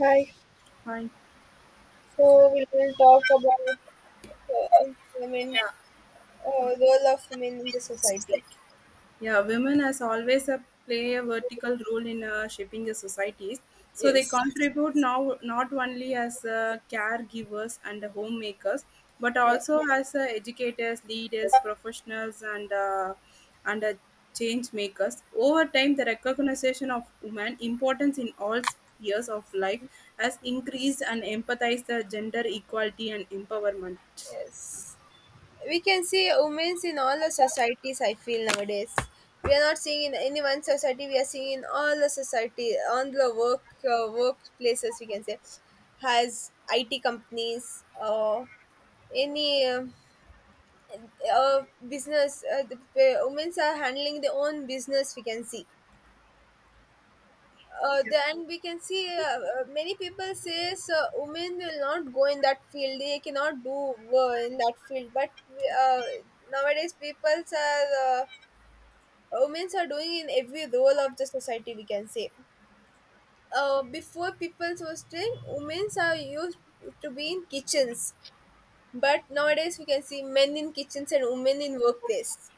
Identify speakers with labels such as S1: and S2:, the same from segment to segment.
S1: Hi.
S2: Fine.
S1: So we will talk about employment,
S2: Yeah,
S1: role of women in the society.
S2: yeah. Women has always a play a vertical role in shaping the societies. So they
S1: Yes.
S2: contribute now not only as caregivers and homemakers, but
S1: Yeah.
S2: also as educators, leaders, professionals, and change makers. Over time, the recognition of women importance in all spheres of life has increased and emphasized the gender equality and empowerment.
S1: Yes. We can see women in all the societies. I feel nowadays we are not seeing in any one society. We are seeing in all the society on the work workplaces. We can say has IT companies or any. Business the women are handling their own business, we can see. Then we can see many people says women will not go in that field, they cannot do in that field, but uh, nowadays people are women are doing in every role of the society, we can say. Before people was doing, women are used to be in kitchens, but nowadays we can see men in kitchens and women in workplace,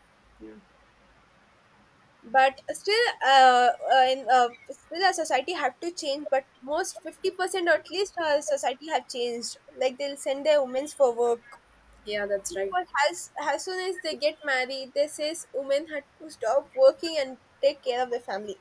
S1: but still still our society have to change, but most 50% or at least our society have changed, like they'll send their women for work.
S2: Yeah, that's right.
S1: But as soon as they get married, they says women had to stop working and take care of their family.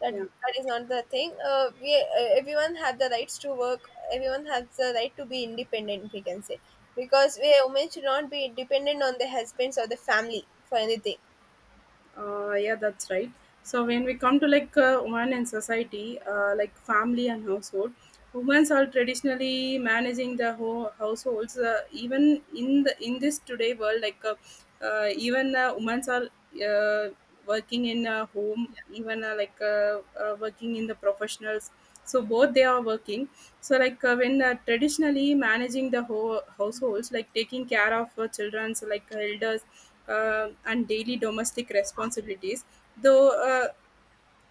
S1: that
S2: Yeah.
S1: that is not the thing. We Everyone have the rights to work, everyone has the right to be independent, we can say, because we women should not be dependent on their husbands or the family for anything.
S2: Yeah, that's right. So when we come to like women in society, like family and household, women are traditionally managing the households. Even in the in this today world, like even women are uh, working in a home, even like working in the professionals. So both they are working. So like when traditionally managing the households, like taking care of children, so like elders and daily domestic responsibilities though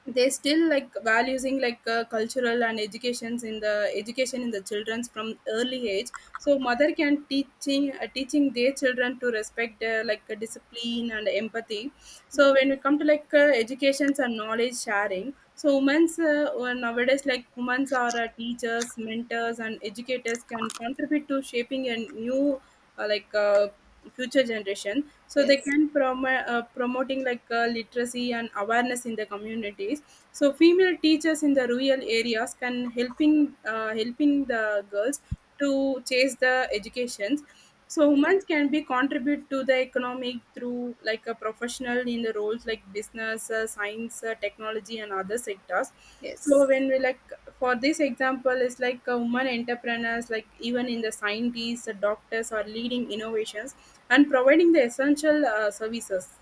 S2: they still like valuing like cultural and educations in the education in the children's from early age. So mother can teaching teaching their children to respect discipline and empathy. So when we come to like educations and knowledge sharing, so women's well, nowadays like women's are teachers, mentors and educators, can contribute to shaping a new, uh, like uh, future generation. So they
S1: Yes.
S2: can promoting like literacy and awareness in the communities. So female teachers in the rural areas can helping helping the girls to chase the educations. So
S1: Yes.
S2: women can be contribute to the economic through like a professional in the roles like business, science, technology and other sectors. So
S1: Yes.
S2: when we like, for this example is like women entrepreneurs, like even in the scientists, doctors are leading innovations and providing the essential services.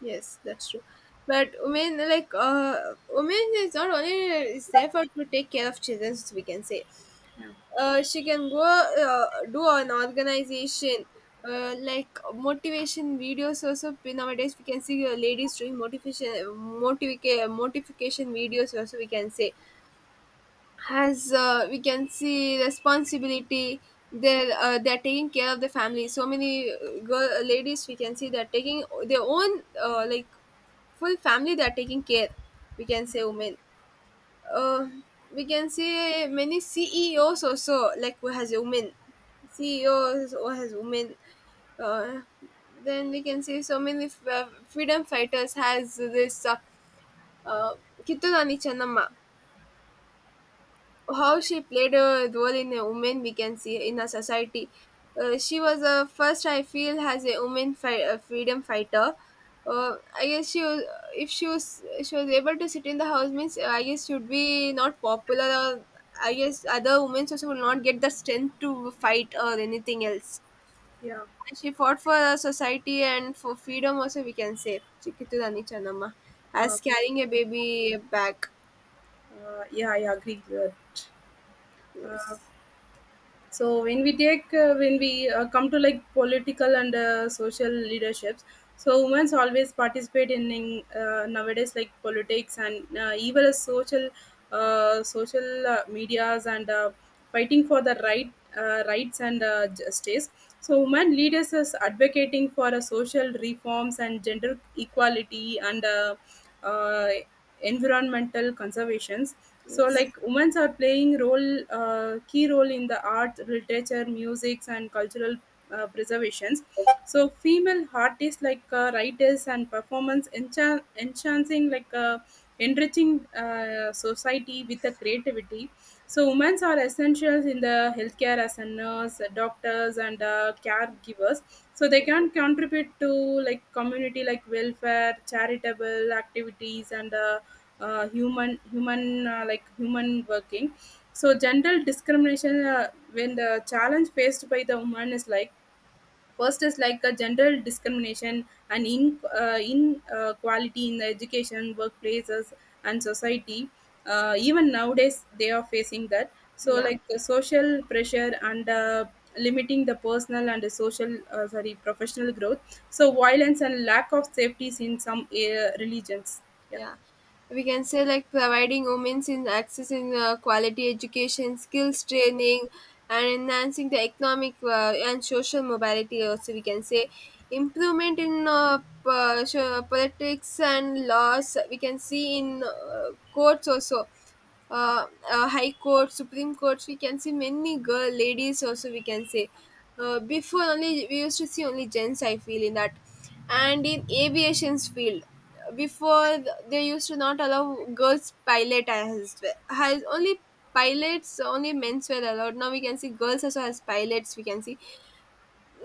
S1: Yes, that's true. But women, like, women is not only is there for to take care of children, we can say. She can go do an organization. Like motivation videos also nowadays we can see ladies doing motivation videos also, we can say has. We can see responsibility. They're taking care of the family. So many girl ladies we can see, they're taking their own, like full family they're taking care, we can say. Women uh, we can see many CEOs also, like, who has a woman. CEOs or has women. uh, then we can see so many freedom fighters has this uh, Kittu Rani Channamma, how she played a role in a woman, we can see in a society. She was a first, I feel, as a woman a freedom fighter. I guess she was, if she was she was able to sit in the house means, I guess she would be not popular. Or I guess other women also will not get the strength to fight or anything else.
S2: Yeah.
S1: And she fought for our society and for freedom also, we can say. Chikiturani Chanamma
S2: uh,
S1: as carrying a baby back.
S2: yeah, I agree with that. Uh,
S1: Yes,
S2: so when we take when we come to like political and social leaderships. So women's always participate in nowadays like politics and even as social medias and fighting for the rights and justice. So women leaders is advocating for social reforms and gender equality and uh, environmental conservation. So
S1: yes,
S2: like women are playing role, key role in the art, literature, music and cultural preservations. So female artists like writers and performance enchanting like enriching society with the creativity. So women are essentials in the healthcare as a nurse, doctors and caregivers. So they
S1: yeah.
S2: can contribute to like community, like welfare, charitable activities and human human like human working. So general discrimination, when the challenge faced by the woman is like, first is like a general discrimination and in inequality in the education, workplaces and society. Uh, even nowadays they are facing that. So
S1: Yeah.
S2: like the social pressure and limiting the personal and the social, sorry, professional growth. So violence and lack of safeties in some religions. Yeah.
S1: Yeah, we can say, like, providing women in access in quality education, skills training, and enhancing the economic and social mobility also, we can say. Improvement in politics and laws, we can see in courts also, high court, supreme courts, we can see many girl ladies also, we can say. Before only we used to see only gents, I feel, in that. And in aviation's field, before they used to not allow girls pilot as well, has only pilots, only men's were allowed. Now we can see girls also as pilots, we can see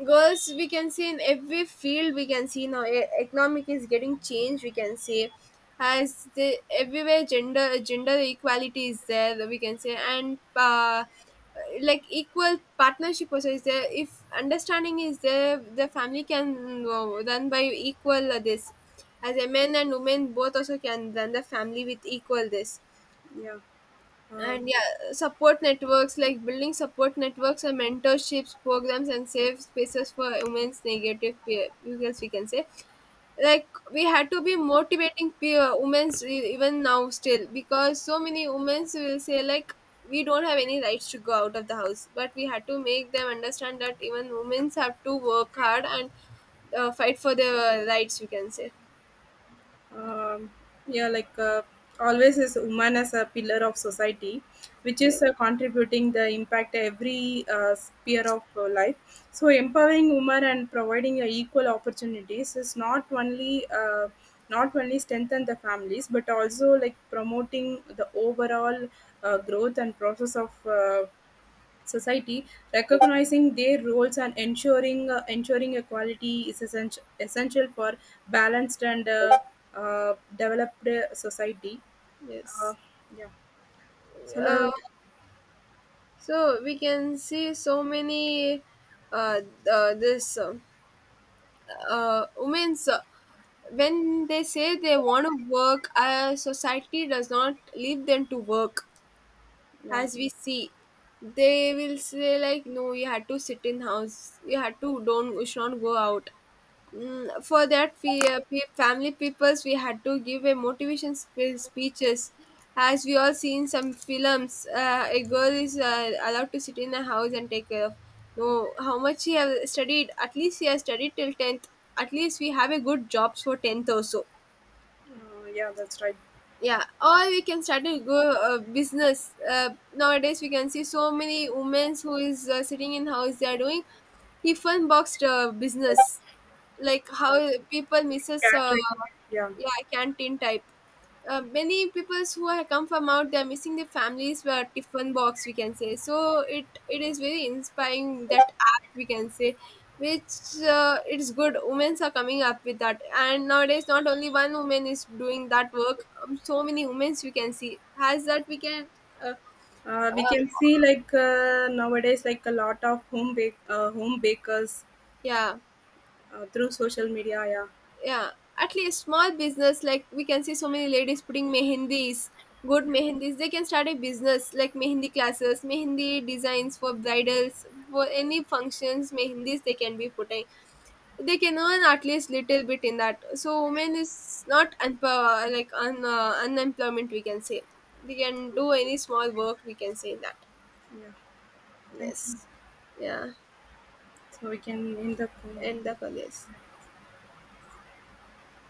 S1: girls. We can see in every field, we can see now economic is getting changed, we can see. As the everywhere gender equality is there, we can say. And like equal partnership also is there, if understanding is there, the family can, run by equal, this, as a men and women both also can run the family with equal this.
S2: Yeah. uh,
S1: And yeah, support networks, like, building support networks and mentorships programs and safe spaces for women's negative peer, because we can say, like, we had to be motivating peer women's even now still, because so many women will say, like, we don't have any rights to go out of the house, but we had to make them understand that even women have to work hard and fight for their rights, we can say.
S2: um, yeah, like always is woman as a pillar of society, which
S1: Yeah.
S2: is contributing the impact every sphere of life. So empowering women and providing equal opportunities is not only strengthen the families but also like promoting the overall growth and process of society, recognizing their roles and ensuring ensuring equality is essential, essential for balanced and developed society. Uh,
S1: Yes.
S2: yeah. So,
S1: uh, So we can see so many uh, this women's, when they say they want to work, society does not leave them to work.
S2: yeah.
S1: As we see, they will say, like, no, you had to sit in house, you had to don't, you should not go out. For that we pe family peoples, we had to give a motivation speeches, as we all see in some films. Uh, a girl is, allowed to sit in a house and take care of. No, how much she has studied, at least she has studied till 10th. At least we have a good jobs for 10th also.
S2: Yeah, that's right.
S1: Yeah, or we can start a go business. Nowadays we can see so many women who is, sitting in house, they are doing tiffin boxed business, like how
S2: Uh,
S1: people misses,
S2: catering, yeah.
S1: yeah, canteen type. Many people who have come from out, they're missing their families were tiffin box, we can say. So it is very inspiring that app, we can say, which, it's good women are coming up with that. And nowadays not only one woman is doing that work. So many women we can see has that, we can. uh,
S2: We
S1: uh,
S2: can see like nowadays like a lot of home bakers
S1: yeah.
S2: through social media. Yeah,
S1: Yeah, at least small business, like, we can see so many ladies putting mehendis, good mehendis. They can start a business, like Mehndi classes, Mehndi designs for bridals, for any functions, Mehndis they can be putting. They can earn at least little bit in that. So women is not unemployment, we can say. They can do any small work, we can say that.
S2: yeah. Thank you.
S1: Yes. Yeah.
S2: So we can end the call.
S1: And the colors.